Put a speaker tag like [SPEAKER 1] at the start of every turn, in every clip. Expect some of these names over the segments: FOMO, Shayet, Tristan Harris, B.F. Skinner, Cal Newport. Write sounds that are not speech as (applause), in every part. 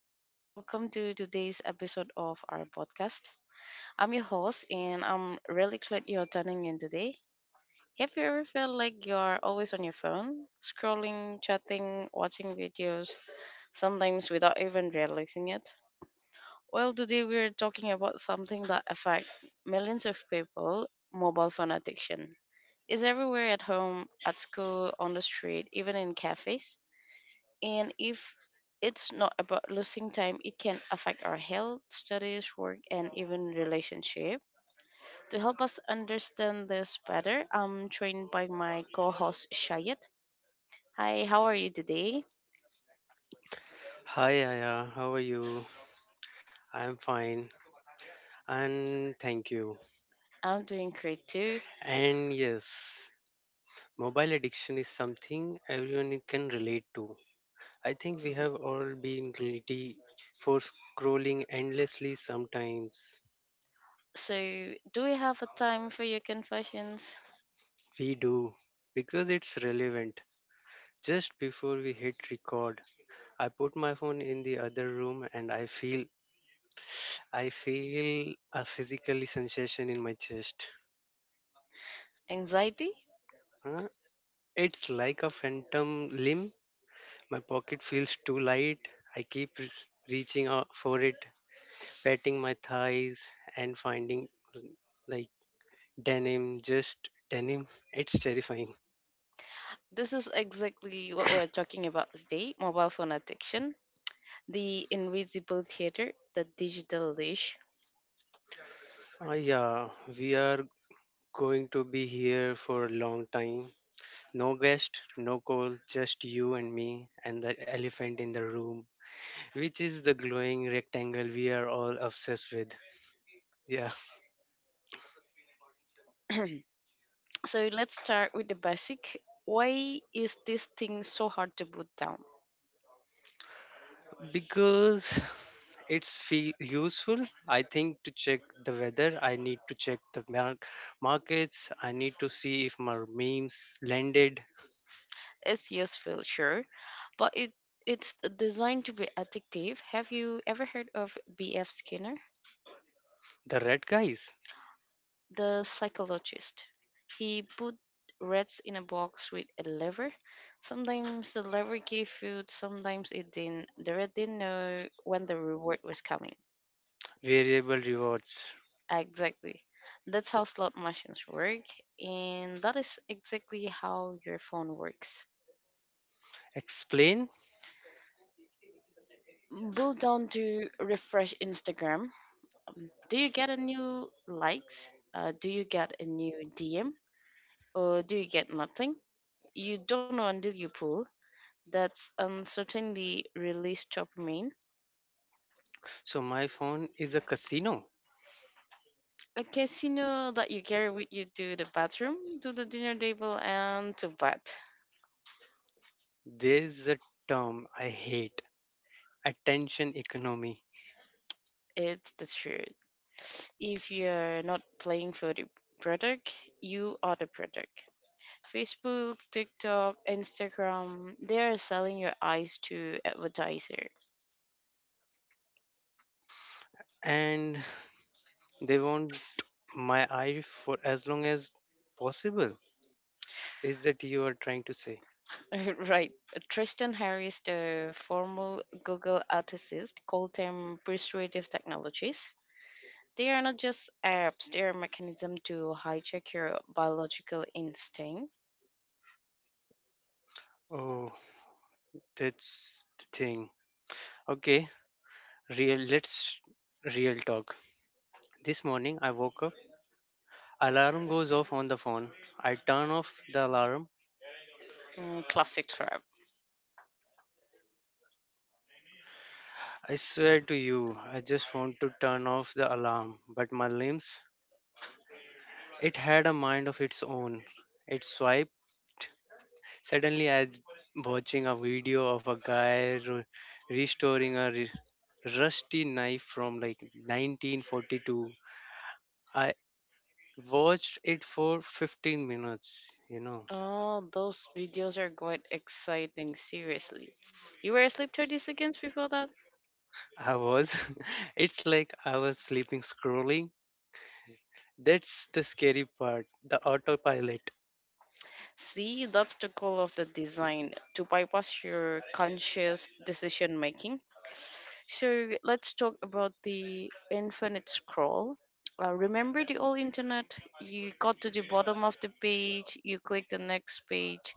[SPEAKER 1] and welcome to today's episode of our podcast. I'm your host, and I'm really glad you're tuning in today. Have you ever felt like you're always on your phone, scrolling, chatting, watching videos, sometimes without even realizing it? Well, today we're talking about something that affects millions of people mobile phone addiction. It's everywhere at home, at school, on the street, even in cafes. And if it's not about losing time, it can affect our health, studies, work, and even relationship. To help us understand this better, I'm joined by my co-host Shayet. Hi, how are you today?
[SPEAKER 2] Hi Aya, how are you? I'm fine and thank you.
[SPEAKER 1] I'm doing great too.
[SPEAKER 2] And yes, mobile addiction is something everyone can relate to. I think we have all been guilty for scrolling endlessly sometimes.
[SPEAKER 1] So, do we have a time for your confessions?
[SPEAKER 2] We do because it's relevant. Just before we hit record, I put my phone in the other room and I feel a physical sensation in my chest.
[SPEAKER 1] Anxiety?
[SPEAKER 2] Huh? It's like a phantom limb. My pocket feels too light. I keep reaching out for it, patting my thighs and finding like denim, just denim. It's terrifying.
[SPEAKER 1] This is exactly what we're talking about today mobile phone addiction, the invisible theater, the digital leash.
[SPEAKER 2] Ah, yeah, we are going to be here for a long time. No guest, no call, just you and me and the elephant in the room, which is the glowing rectangle we are all obsessed with. Yeah.
[SPEAKER 1] So let's start with the basic. Why is this thing so hard to put down?
[SPEAKER 2] Because (sighs) it's fe useful, I think. To check the weather, I need to check the markets. I need to see if my memes landed.
[SPEAKER 1] It's useful, sure, but it's designed to be addictive. Have you ever heard of B.F. Skinner,
[SPEAKER 2] The red guys.
[SPEAKER 1] the psychologist? He put rats in a box with a lever. Sometimes the lever gave food, sometimes it didn't. The rat didn't know when the reward was coming.
[SPEAKER 2] Variable rewards.
[SPEAKER 1] Exactly. That's how slot machines work, and that is exactly how your phone works.
[SPEAKER 2] Explain.
[SPEAKER 1] Pull down to refresh Instagram. Do you get a new likes? Do you get a new DM? Or do you get nothing? You don't know until you pull. That's uncertainty release dopamine.
[SPEAKER 2] So my phone is a casino.
[SPEAKER 1] A casino that you carry with you to the bathroom, to the dinner table, and to bed.
[SPEAKER 2] There's a term I hate: attention economy.
[SPEAKER 1] It's the truth. If you're not playing for the product, you are the product. Facebook, TikTok, Instagram, they are selling your eyes to advertiser.
[SPEAKER 2] And they want my eye for as long as possible, is that you are trying to say?
[SPEAKER 1] (laughs) Right. Tristan Harris, the former Google ethicist, called them persuasive technologies. They are not just apps, they are mechanism to hijack your biological instinct.
[SPEAKER 2] Oh, that's the thing. Okay, real let's real talk. This morning I woke up, alarm goes off on the phone. I turn off the alarm.
[SPEAKER 1] Mm, classic trap.
[SPEAKER 2] I swear to you, I just want to turn off the alarm, but my limbs, it had a mind of its own. It swiped. Suddenly I was watching a video of a guy restoring a rusty knife from like 1942. I watched it for 15 minutes, you know.
[SPEAKER 1] Oh, those videos are quite exciting, seriously. You were asleep 30 seconds before that?
[SPEAKER 2] I was. (laughs) It's like I was sleeping scrolling. That's the scary part, the autopilot.
[SPEAKER 1] See, that's the goal of the design to bypass your conscious decision making. So let's talk about the infinite scroll. Remember the old internet? You got to the bottom of the page, you click the next page,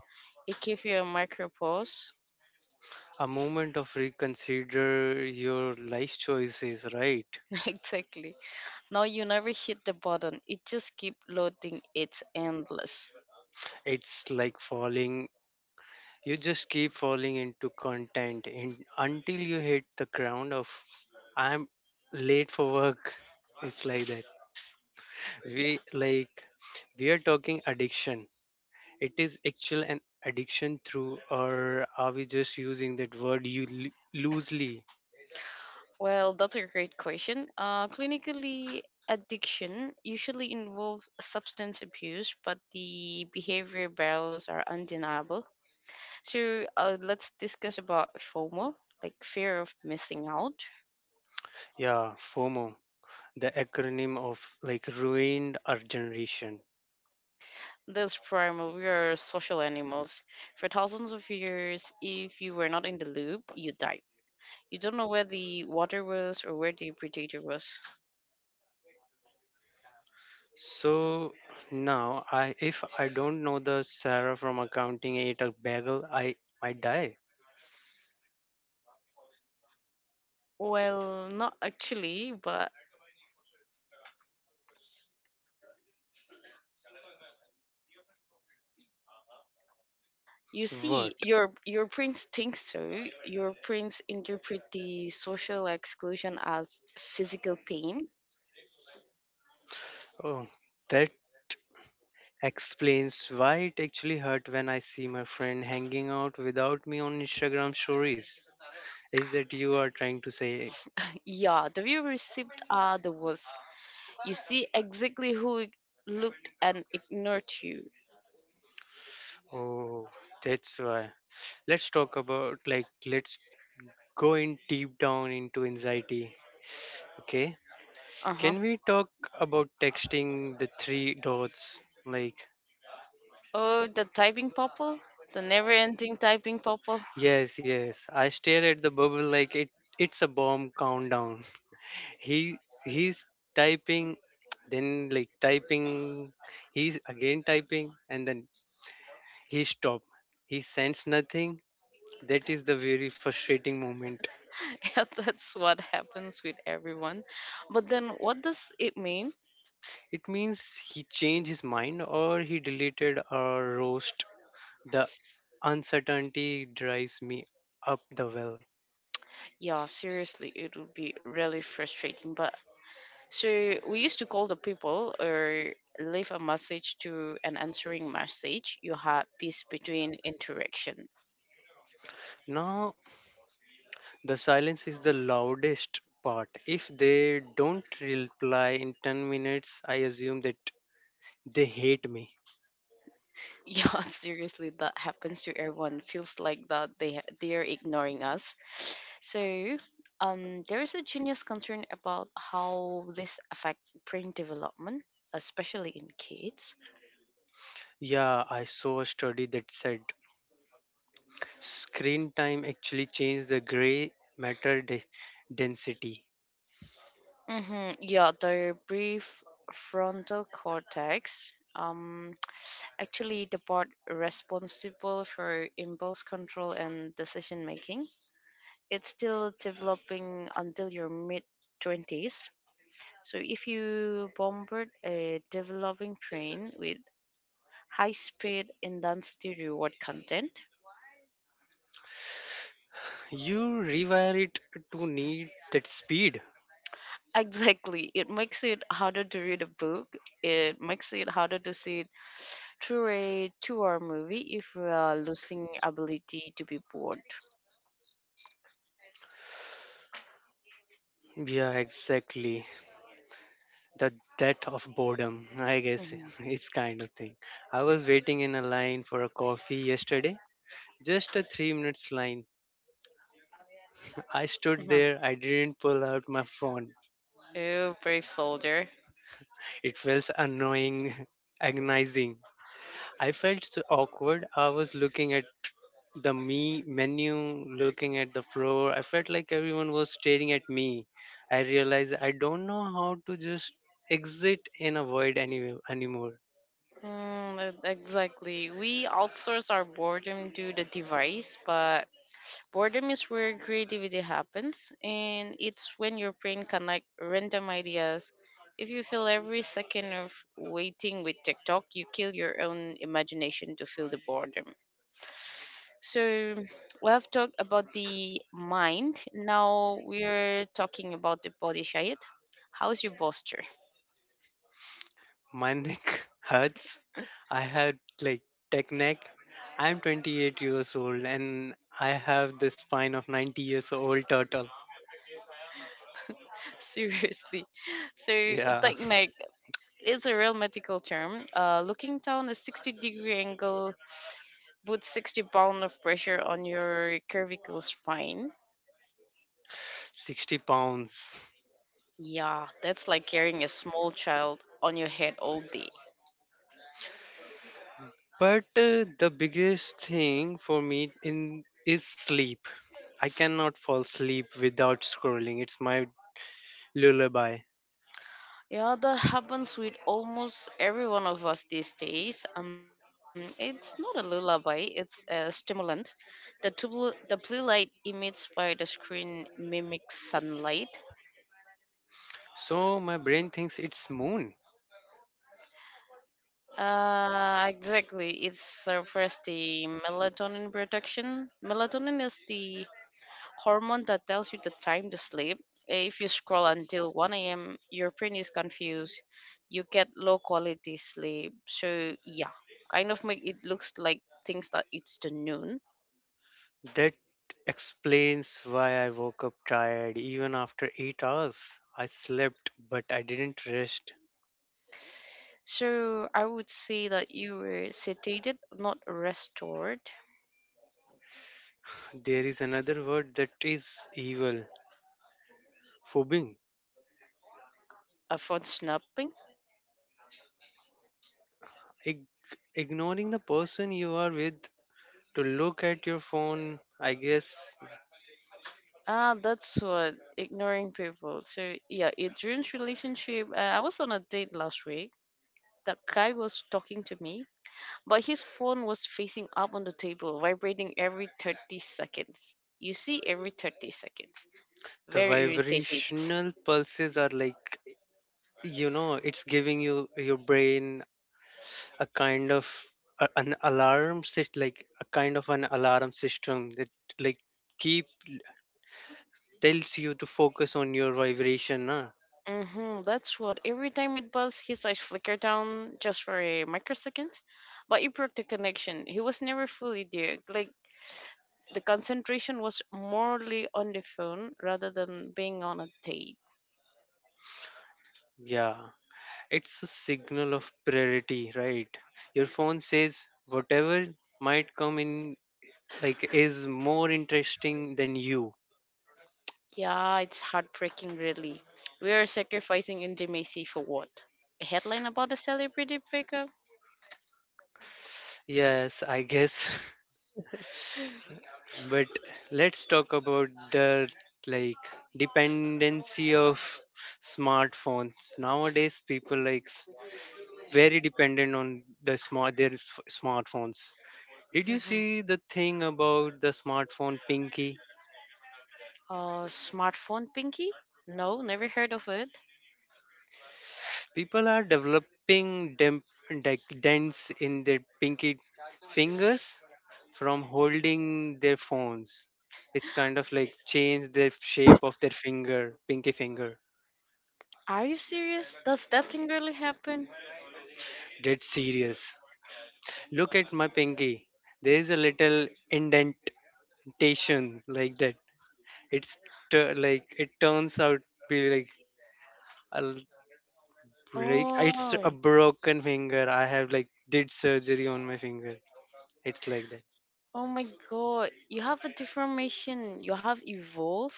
[SPEAKER 1] it gave you a micro pause.
[SPEAKER 2] A moment of reconsider your life choices, right?
[SPEAKER 1] (laughs) Exactly. Now you never hit the button, it just keep loading, it's endless.
[SPEAKER 2] It's like falling. You just keep falling into content in, until you hit the ground of I'm late for work. (laughs) It's like that.
[SPEAKER 1] Yeah.
[SPEAKER 2] We like we are talking addiction, it is actual an addiction through, or are we just using that word loosely?
[SPEAKER 1] Well, that's a great question. Clinically, addiction usually involves substance abuse, but the behavior barriers are undeniable. So let's discuss about FOMO, like fear of missing out.
[SPEAKER 2] Yeah, FOMO, the acronym of, like, ruined our generation.
[SPEAKER 1] This primal, we are social animals. For thousands of years, if you were not in the loop, you died. You don't know where the water was or where the predator was.
[SPEAKER 2] So now I if I don't know the Sarah from accounting ate a bagel, I might die.
[SPEAKER 1] Well, not actually, but you see,
[SPEAKER 2] What?
[SPEAKER 1] your prince thinks so. Your prince interpret the social exclusion as physical pain. (laughs)
[SPEAKER 2] Oh, that explains why it actually hurt when I see my friend hanging out without me on Instagram stories. Is that you are trying to say?
[SPEAKER 1] Yeah, the view received are the worst. You see exactly who looked and ignored you.
[SPEAKER 2] Oh, that's why. Let's talk about, let's go in deep down into anxiety. Okay.
[SPEAKER 1] Uh huh.
[SPEAKER 2] Can we talk about texting the three dots? Like
[SPEAKER 1] Oh, the typing purple, the never-ending typing purple.
[SPEAKER 2] yes, yes. I stare at the bubble like it's a bomb countdown. (laughs) He he's typing, then like typing, he's again typing, and then he stop. He sends nothing. That is the very frustrating moment.
[SPEAKER 1] (laughs) Yeah, that's what happens with everyone. But then, what does it mean?
[SPEAKER 2] It means he changed his mind or he deleted or roast. The uncertainty drives me up the well.
[SPEAKER 1] Yeah, seriously, it would be really frustrating. But so we used to call the people or leave a message to an answering message. You had peace between interaction. (laughs)
[SPEAKER 2] Now, the silence is the loudest part. If they don't reply in 10 minutes, I assume that they hate me.
[SPEAKER 1] Yeah, seriously, that happens to everyone. Feels like that they are ignoring us. So there is a genius concern about how this affect brain development, especially in kids.
[SPEAKER 2] Yeah, I saw a study that said screen time actually changes the gray matter density.
[SPEAKER 1] Mm-hmm. Yeah, the brief frontal cortex. Actually the part responsible for impulse control and decision making. It's still developing until your mid 20s. So if you bombard a developing brain with high speed and density reward content,
[SPEAKER 2] You rewire it to need that speed.
[SPEAKER 1] (laughs) exactly, it makes it harder to read a book. It makes it harder to see it through a two-hour movie if we are losing ability to be bored.
[SPEAKER 2] Yeah, exactly. The death of boredom, I guess.
[SPEAKER 1] Mm-hmm.
[SPEAKER 2] (laughs) It's kind of thing. I was waiting in a line for a coffee yesterday, just a 3 minutes line. I stood
[SPEAKER 1] Mhm.
[SPEAKER 2] there, I didn't pull out my phone.
[SPEAKER 1] Oh, brave soldier.
[SPEAKER 2] It felt annoying, (laughs) agonizing. I felt so awkward. I was looking at the me menu, looking at the floor. I felt like everyone was staring at me. I realized I don't know how to just exit and avoid anymore.
[SPEAKER 1] Mm, exactly. We outsource our boredom to the device, but boredom is where creativity happens, and it's when your brain connect random ideas. If you fill every second of waiting with TikTok, you kill your own imagination to fill the boredom. So we have talked about the mind. Now we're talking about the body shape. How's your posture?
[SPEAKER 2] My neck (laughs) hurts. I had like tech neck. I'm 28 years old and I have the spine of 90 years old turtle.
[SPEAKER 1] (laughs) Seriously. So
[SPEAKER 2] Yeah,
[SPEAKER 1] technique is a real medical term. Looking down a 60-degree angle puts 60 pounds of pressure on your cervical spine.
[SPEAKER 2] (laughs) 60 pounds.
[SPEAKER 1] Yeah, that's like carrying a small child on your head all day.
[SPEAKER 2] But the biggest thing for me in is sleep. I cannot fall asleep without scrolling. It's my lullaby.
[SPEAKER 1] Yeah, that happens with almost every one of us these days. It's not a lullaby, it's a stimulant. The, the blue light emits by the screen mimics sunlight.
[SPEAKER 2] So my brain thinks it's moon.
[SPEAKER 1] Exactly. It suppresses the melatonin production. Melatonin is the hormone that tells you the time to sleep. If you scroll until 1 a.m., your brain is confused. You get low quality sleep. So, yeah, kind of make it looks like things that it's the noon.
[SPEAKER 2] That explains why I woke up tired even after 8 hours. I slept, but I didn't rest.
[SPEAKER 1] So, I would say that you were sedated, not restored.
[SPEAKER 2] There is another word that is evil, phobing.
[SPEAKER 1] For snapping,
[SPEAKER 2] Ig- Ignoring the person you are with to look at your phone, I guess.
[SPEAKER 1] ah, that's what ignoring people. So yeah, it ruins relationship. I was on a date last week. That guy was talking to me, but his phone was facing up on the table, vibrating every 30 seconds. You see, every 30 seconds.
[SPEAKER 2] The
[SPEAKER 1] Very irritating.
[SPEAKER 2] vibrational pulses are like, it's giving your brain a kind of an alarm, like a kind of an alarm system that like keep tells you to focus on your vibration, huh?
[SPEAKER 1] Mm-hmm, that's what. Every time it buzzed, his eyes flickered down just for a microsecond. But it broke the connection. He was never fully there. Like, the concentration was morely on the phone rather than being on a date.
[SPEAKER 2] Yeah, it's a signal of priority, right? Your phone says whatever might come in, like, is more interesting than you.
[SPEAKER 1] Yeah, it's heartbreaking, really. We are sacrificing intimacy for what? A headline about a celebrity breakup?
[SPEAKER 2] Yes, I guess. (laughs) But let's talk about the, like, dependency of smartphones. Nowadays people very dependent on their smartphones. Did you
[SPEAKER 1] Hmm.
[SPEAKER 2] see the thing about the smartphone pinky?
[SPEAKER 1] Smartphone pinky? No, never heard of it.
[SPEAKER 2] People are developing de- dents in their pinky fingers from holding their phones. It's kind of like change the shape of their finger, pinky finger.
[SPEAKER 1] Are you serious? Does that thing really happen?
[SPEAKER 2] Dead serious. Look at my pinky. There is a little indentation, like that. It's like it turns out be like a, like, it's a
[SPEAKER 1] Oh,
[SPEAKER 2] broken finger. I have like did surgery on my finger. It's like that.
[SPEAKER 1] oh my god. You have a deformation. You have evolved.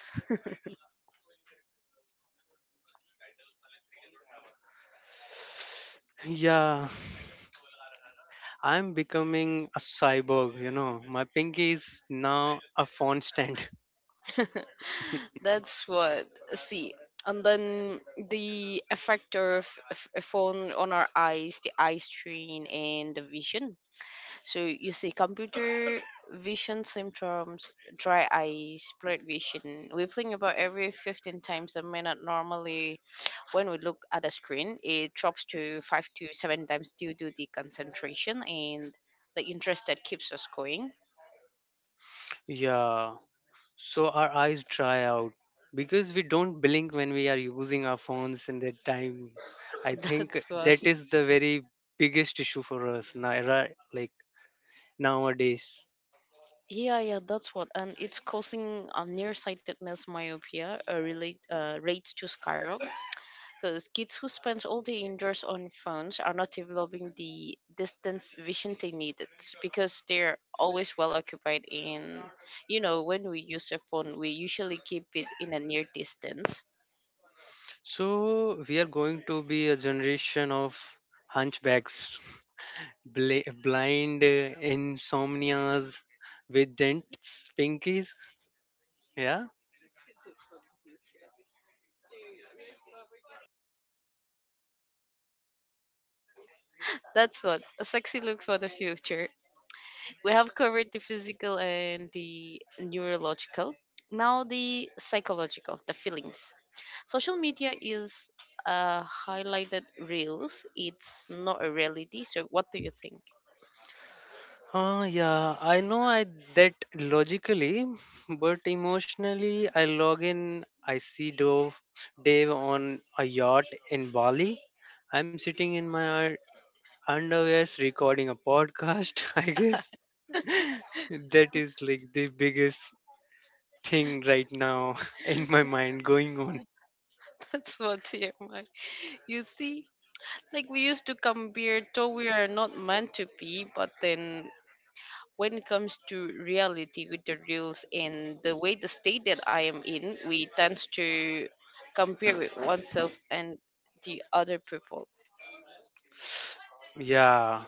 [SPEAKER 2] (laughs) Yeah, I'm becoming a cyborg. My pinky is now a phone stand. (laughs)
[SPEAKER 1] (laughs) That's what. See. And then the effect of a phone on our eyes, the eye strain and the vision. So you see, computer vision symptoms, dry eye, blurred vision, we whipping about every 15 times a minute. Normally, when we look at a screen, it drops to five to seven times due to the concentration and the interest that keeps us going.
[SPEAKER 2] Yeah. So our eyes dry out because we don't blink when we are using our phones in that time. I
[SPEAKER 1] (laughs)
[SPEAKER 2] think
[SPEAKER 1] That's what.
[SPEAKER 2] that is the very biggest issue for us now, right? Like nowadays.
[SPEAKER 1] Yeah, yeah, that's what. And it's causing nearsightedness, myopia, rates to skyrocket because kids who spend all day indoors on phones are not developing the distance vision they needed because they're always well occupied in, you know, when we use a phone, we usually keep it in a near distance.
[SPEAKER 2] So we are going to be a generation of hunchbacks, (laughs) blind, insomnias with dents, pinkies. Yeah.
[SPEAKER 1] That's what a sexy look for the future. We have covered the physical and the neurological. Now the psychological, the feelings. Social media is highlighted reels. It's not a reality. So what do you think?
[SPEAKER 2] Yeah, I know I that logically, but emotionally, I log in. I see Dave on a yacht in Bali. I'm sitting in my underwear recording a podcast. (laughs) I guess that is like the biggest thing right now (laughs) in my mind going on.
[SPEAKER 1] That's what. (laughs) TMI. You see, like we used to compare though we are not meant to be, but then when it comes to reality with the reels and the way the state that I am in, we tend to compare with oneself and the other people.
[SPEAKER 2] Yeah,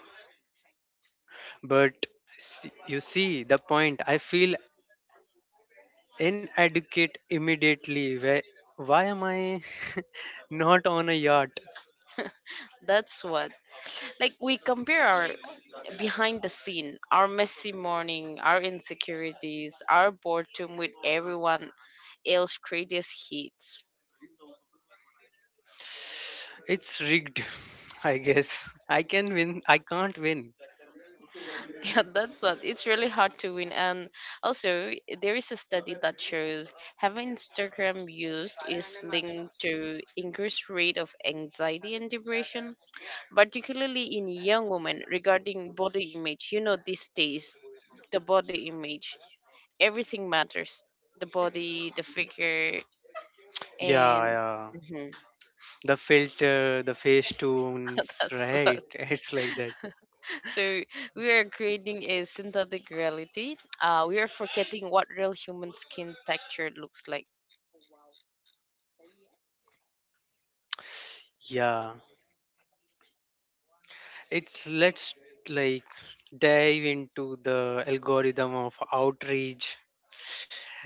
[SPEAKER 2] but you see the point. I feel inadequate immediately. Why am I (laughs) not on a yacht?
[SPEAKER 1] That's what. Like we compare our behind the scene, our messy morning, our insecurities, our boredom with everyone else greatest hits.
[SPEAKER 2] It's rigged, (laughs) I guess. I can win. I can't win.
[SPEAKER 1] Yeah, that's what. It's really hard to win. And also, there is a study that shows having Instagram used is linked to increased rate of anxiety and depression, particularly in young women regarding body image. You know, these days, the body image, everything matters. The body, the figure,
[SPEAKER 2] Yeah,
[SPEAKER 1] and
[SPEAKER 2] yeah.
[SPEAKER 1] Mhm.
[SPEAKER 2] The filter, the face
[SPEAKER 1] (laughs)
[SPEAKER 2] tunes,
[SPEAKER 1] That's
[SPEAKER 2] right?
[SPEAKER 1] what.
[SPEAKER 2] (laughs) It's like that.
[SPEAKER 1] So we are creating a synthetic reality. We are forgetting what real human skin texture looks like.
[SPEAKER 2] Yeah. It's let's like dive into the algorithm of outreach.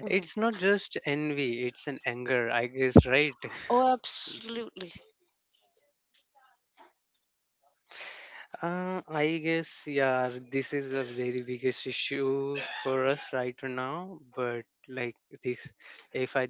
[SPEAKER 1] Mhm.
[SPEAKER 2] It's not just envy, it's an anger, I guess, right?
[SPEAKER 1] Oh, absolutely.
[SPEAKER 2] I guess, yeah, this is a very biggest issue for us right now. But like this, if I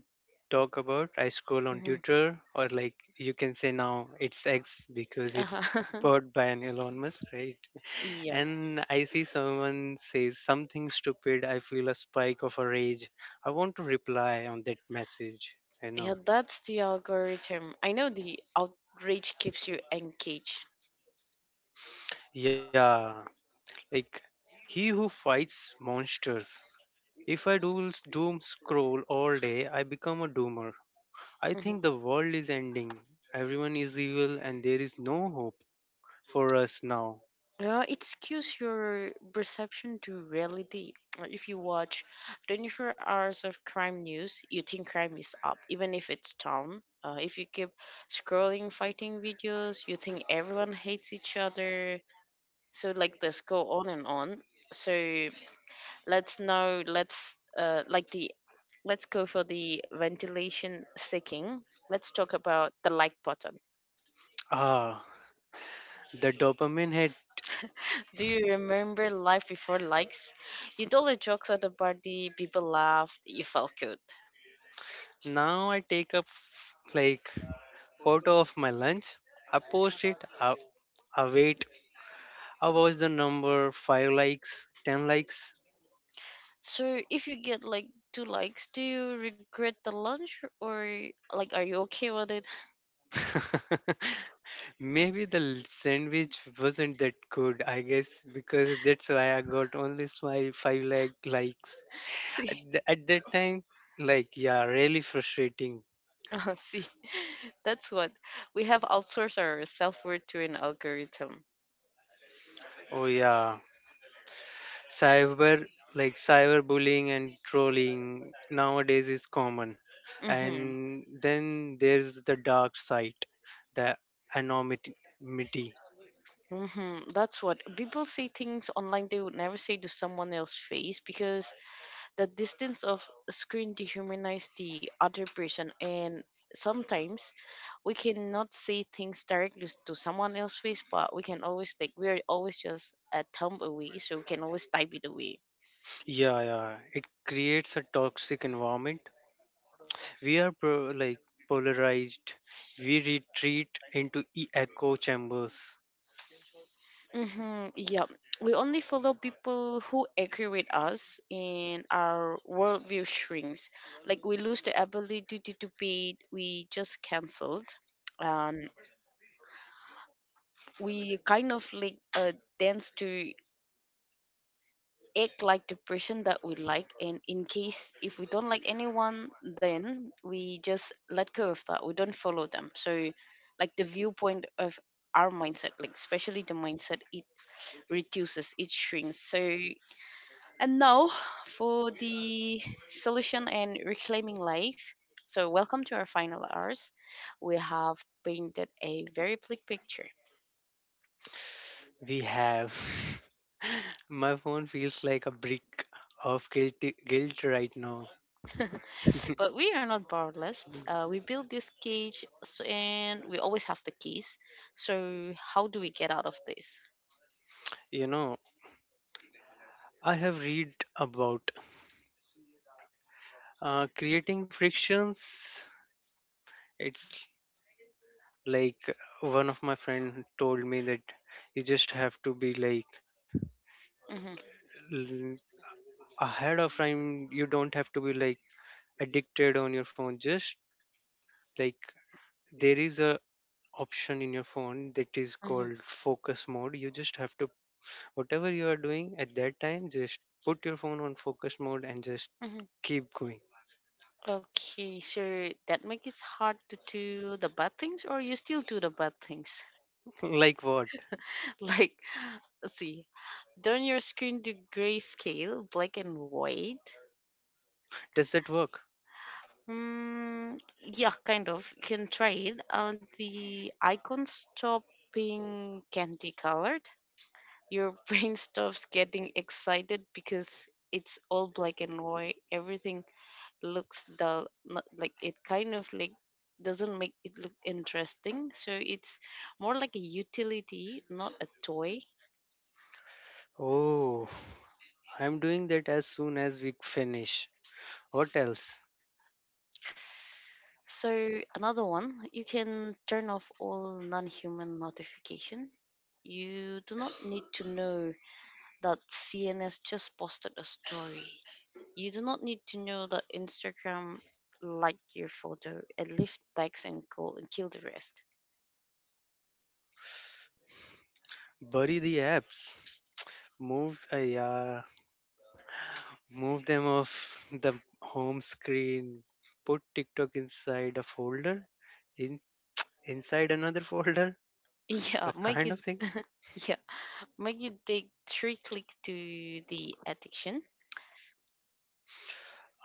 [SPEAKER 2] talk about, I scroll on
[SPEAKER 1] Hmm.
[SPEAKER 2] Twitter, or like you can say now it's X because it's
[SPEAKER 1] Uh-huh. (laughs)
[SPEAKER 2] bought by an Elon Musk, right?
[SPEAKER 1] Yeah,
[SPEAKER 2] And I see someone says something stupid. I feel a spike of a rage. I want to reply on that message. I know.
[SPEAKER 1] yeah, that's the algorithm. I know the outrage keeps you engaged.
[SPEAKER 2] Yeah, like he who fights monsters. If I do doom scroll all day, I become a doomer. I think the world is ending. Everyone is evil and there is no hope for us now.
[SPEAKER 1] Yeah, it skews your perception to reality. Like, if you watch 24 hours of crime news, you think crime is up, even if it's down. If you keep scrolling fighting videos, you think everyone hates each other. So like this go on and on. So let's now let's like the let's go for the ventilation seeking. Let's talk about the like button.
[SPEAKER 2] Ah, the dopamine hit.
[SPEAKER 1] Do you remember life before likes? You told the jokes at the party, people laughed, you felt good.
[SPEAKER 2] Now I take a like photo of my lunch. I post it. I wait. I watch the number five likes, 10 likes.
[SPEAKER 1] So if you get like two likes, do you regret the lunch or like are you okay with it?
[SPEAKER 2] (laughs) Maybe the sandwich wasn't that good. I guess because that's why I got only my five likes.
[SPEAKER 1] (laughs) See,
[SPEAKER 2] At that time, like, yeah, really frustrating.
[SPEAKER 1] see, (laughs) that's what we have outsourced our self worth to an algorithm.
[SPEAKER 2] Oh yeah, cyber cyberbullying and trolling nowadays is common. And
[SPEAKER 1] Mm-hmm.
[SPEAKER 2] then there's the dark side, the anonymity.
[SPEAKER 1] Mm-hmm. That's what people say things online they would never say to someone else's face because the distance of screen dehumanize the other person and sometimes we cannot say things directly to someone else's face but we can always like we're always just a thumb away so we can always type it away
[SPEAKER 2] Yeah, yeah, it creates a toxic environment. We are polarized. We retreat into echo chambers.
[SPEAKER 1] mm-hmm, yeah we only follow people who agree with us and our worldview shrinks. Like we lose the ability to debate, we just cancelled. And we kind of like dance to act like the person that we like, and in case if we don't like anyone then we just let go of that, we don't follow them. So like the viewpoint of our mindset, like especially the mindset, it reduces, it shrinks. So and now for the solution and reclaiming life, so welcome to our final hours. We have painted a very bleak picture.
[SPEAKER 2] We have. (laughs) My phone feels like a brick of guilt right now.
[SPEAKER 1] (laughs) But we are not powerless. We built this cage and we always have the keys. So, how do we get out of this?
[SPEAKER 2] You know, I have read about creating frictions. It's like one of my friend told me that you just have to be like l- ahead of time. You don't have to be like addicted on your phone. Just like there is a option in your phone that is
[SPEAKER 1] hmm
[SPEAKER 2] called focus mode. You just have to whatever you are doing at that time, just put your phone on focus mode and just
[SPEAKER 1] hmm
[SPEAKER 2] keep going.
[SPEAKER 1] Okay, so that makes it hard to do the bad things, or you still do the bad things.
[SPEAKER 2] (laughs) Like what?
[SPEAKER 1] (laughs) Like, let's see, turn your screen to grayscale, black and white.
[SPEAKER 2] Does that work?
[SPEAKER 1] Hmm, yeah, kind of. You can try it. The icon stop being candy colored. Your (laughs) brain stops getting excited because it's all black and white. Everything looks dull, not like, it kind of like doesn't make it look interesting, so it's more like a utility, not a toy.
[SPEAKER 2] Oh, I'm doing that as soon as we finish. What else?
[SPEAKER 1] So another one, you can turn off all non-human notification. You do not need to know that cns just posted a story. You do not need to know that instagram liked your photo, and leave text and call and kill the rest.
[SPEAKER 2] Bury the apps. Move, yeah, move them off the home screen. Put TikTok inside a folder, in inside another (laughs) folder,
[SPEAKER 1] (laughs) Yeah,
[SPEAKER 2] a
[SPEAKER 1] make
[SPEAKER 2] kind
[SPEAKER 1] it
[SPEAKER 2] of thing.
[SPEAKER 1] Yeah. Make you take three click to the addiction.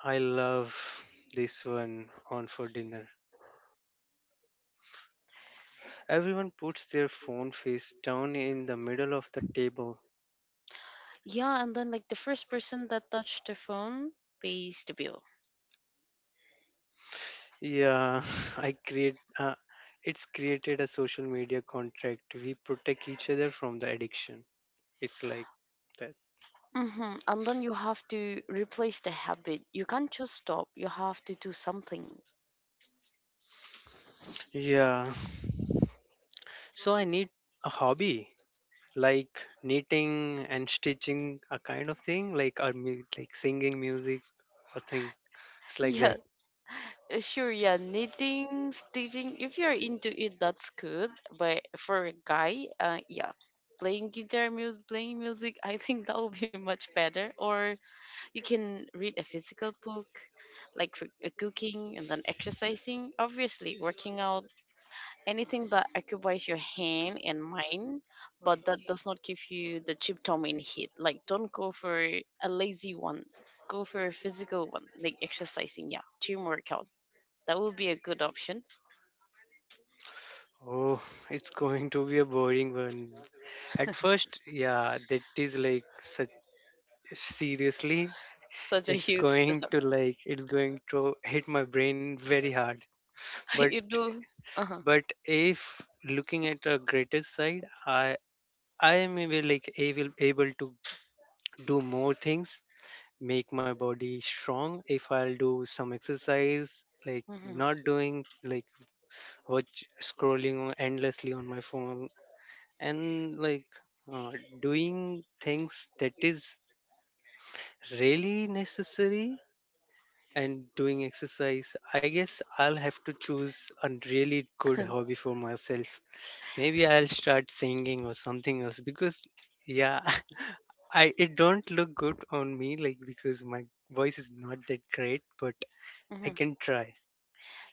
[SPEAKER 2] I love this one on for dinner. Everyone puts their phone face down in the middle of the table.
[SPEAKER 1] Yeah, and then like the first person that touched the phone pays the bill.
[SPEAKER 2] Yeah, (laughs) I create. It's created a social media contract. We protect each other from the addiction. It's like that.
[SPEAKER 1] Mm-hmm. And then you have to replace the habit. You can't just stop. You have to do something.
[SPEAKER 2] Yeah. So I need a hobby like knitting and stitching, a kind of thing, like or like singing music or thing. It's like
[SPEAKER 1] Yeah,
[SPEAKER 2] that.
[SPEAKER 1] sure. Yeah, knitting, stitching. If you're into it, that's good. But for a guy, yeah, playing guitar music, playing music, I think that would be much better. Or you can read a physical book, like cooking and then exercising, obviously working out, anything that occupies your hand and mind, but that does not give you the dopamine hit. Like, don't go for a lazy one, go for a physical one, like exercising, yeah, gym workout. That would be a good option.
[SPEAKER 2] Oh, it's going to be a boring one. At
[SPEAKER 1] (laughs)
[SPEAKER 2] first, yeah, that is like such seriously
[SPEAKER 1] Such a
[SPEAKER 2] it's
[SPEAKER 1] huge
[SPEAKER 2] going
[SPEAKER 1] step.
[SPEAKER 2] to hit my brain very hard.
[SPEAKER 1] (laughs)
[SPEAKER 2] but
[SPEAKER 1] You do. Uh huh.
[SPEAKER 2] but if looking at the greatest side, I am able like able able to do more things, make my body strong if I'll do some exercise, like not doing like watch scrolling endlessly on my phone and like uh, doing things that is really necessary and doing exercise. I guess I'll have to choose a really good hobby for myself. Maybe I'll start singing or something else because yeah, (laughs) I it don't look good on me like because my voice is not that great, but I
[SPEAKER 1] Hmm. (laughs)
[SPEAKER 2] can try.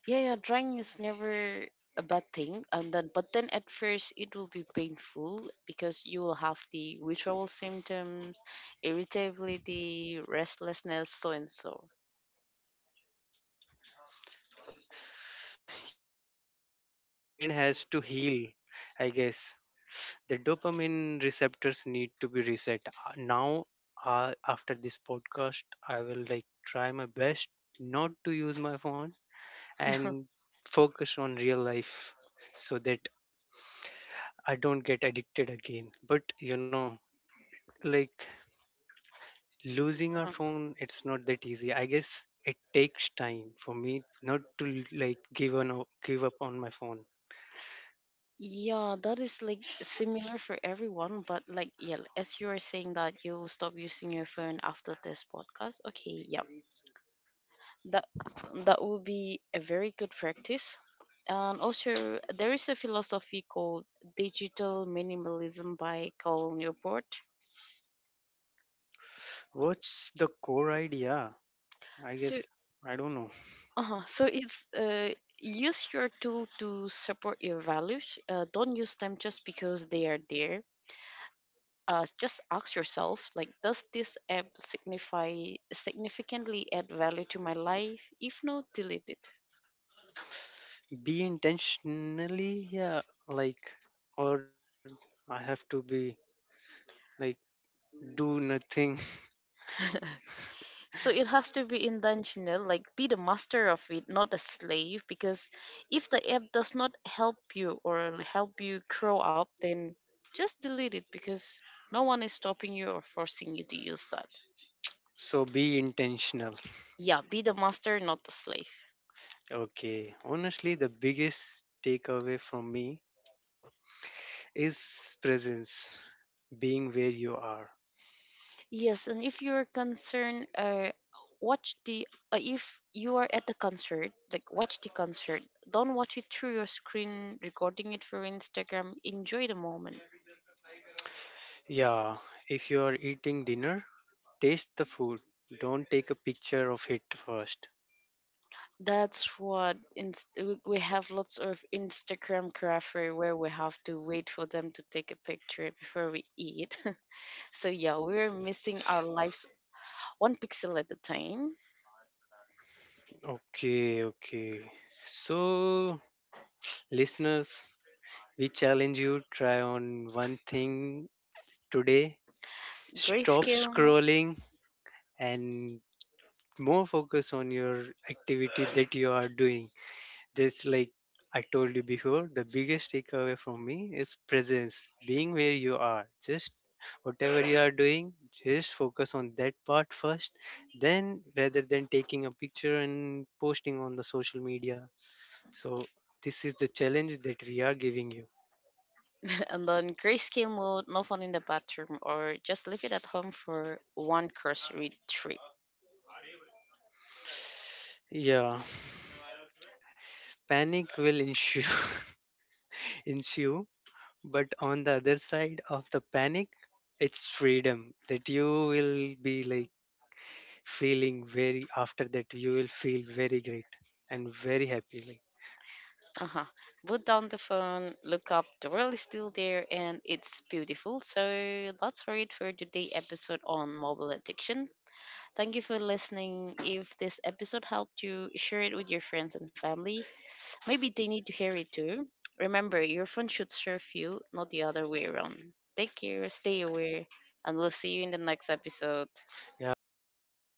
[SPEAKER 1] Yeah, yeah, drawing is never a bad thing. And then, but then at first it will be painful because you will have the withdrawal symptoms, irritability, restlessness, so and so.
[SPEAKER 2] Yeah, the brain has to heal. I guess the dopamine receptors need to be reset. Now, after this podcast, I will like try my best not to use my phone and
[SPEAKER 1] (laughs)
[SPEAKER 2] focus on real life so that I don't get addicted again. But like losing our
[SPEAKER 1] Mhm.
[SPEAKER 2] phone, it's not that easy. I guess it takes time for me not to like give up on my phone.
[SPEAKER 1] Yeah, that is like similar for everyone, but like yeah, as you are saying that you'll stop using your phone after this podcast. Okay, yeah. That that will be a very good practice, and also there is a philosophy called digital minimalism by Cal Newport.
[SPEAKER 2] What's the core idea? I
[SPEAKER 1] So
[SPEAKER 2] guess I don't know.
[SPEAKER 1] so it's use your tool to support your values. Don't use them just because they are there. Just ask yourself like, does this app signify significantly add value to my life? If no, delete it.
[SPEAKER 2] Be intentionally, yeah, like or I have to be like do nothing. (laughs)
[SPEAKER 1] (laughs) So it has to be intentional, like be the master of it, not a slave. Because if the app does not help you or help you grow up, then just delete it because no one is stopping you or forcing you to use that.
[SPEAKER 2] So be intentional.
[SPEAKER 1] Yeah, be the master, not the slave.
[SPEAKER 2] Okay, honestly, the biggest takeaway from me is presence, being where you are.
[SPEAKER 1] Yes, and if you're concerned, watch the if you are at the concert, like watch the concert. Don't watch it through your screen, recording it for Instagram. Enjoy the moment.
[SPEAKER 2] Yeah, if you are eating dinner, taste the food. Don't take a picture of it first.
[SPEAKER 1] That's what we have lots of Instagram grapher where we have to wait for them to take a picture before we eat. (laughs) So yeah, we're missing our lives one pixel at a time.
[SPEAKER 2] Okay, okay. So, listeners, we challenge you: try on one thing today. Stop
[SPEAKER 1] Grayscale
[SPEAKER 2] scrolling and more focus on your activity that you are doing. Just like I told you before, the biggest takeaway from me is presence, being where you are. Just whatever you are doing, just focus on that part first, then rather than taking a picture and posting on the social media. So, this is the challenge that we are giving you.
[SPEAKER 1] (laughs) and then grayscale mode, no phone in the bathroom, or just leave it at home for one grocery trip.
[SPEAKER 2] Yeah, panic will ensue, (laughs) ensue, but on the other side of the panic, it's freedom that you will be like feeling very after that you will feel very great and very happy, like
[SPEAKER 1] Uh-huh. Put down the phone, look up, the world is still there and it's beautiful. So that's for it for today episode on mobile addiction. Thank you for listening. If this episode helped you, share it with your friends and family. Maybe they need to hear it too. Remember, your phone should serve you, not the other way around. Take care, stay aware, and we'll see you in the next episode.
[SPEAKER 2] yeah thank you.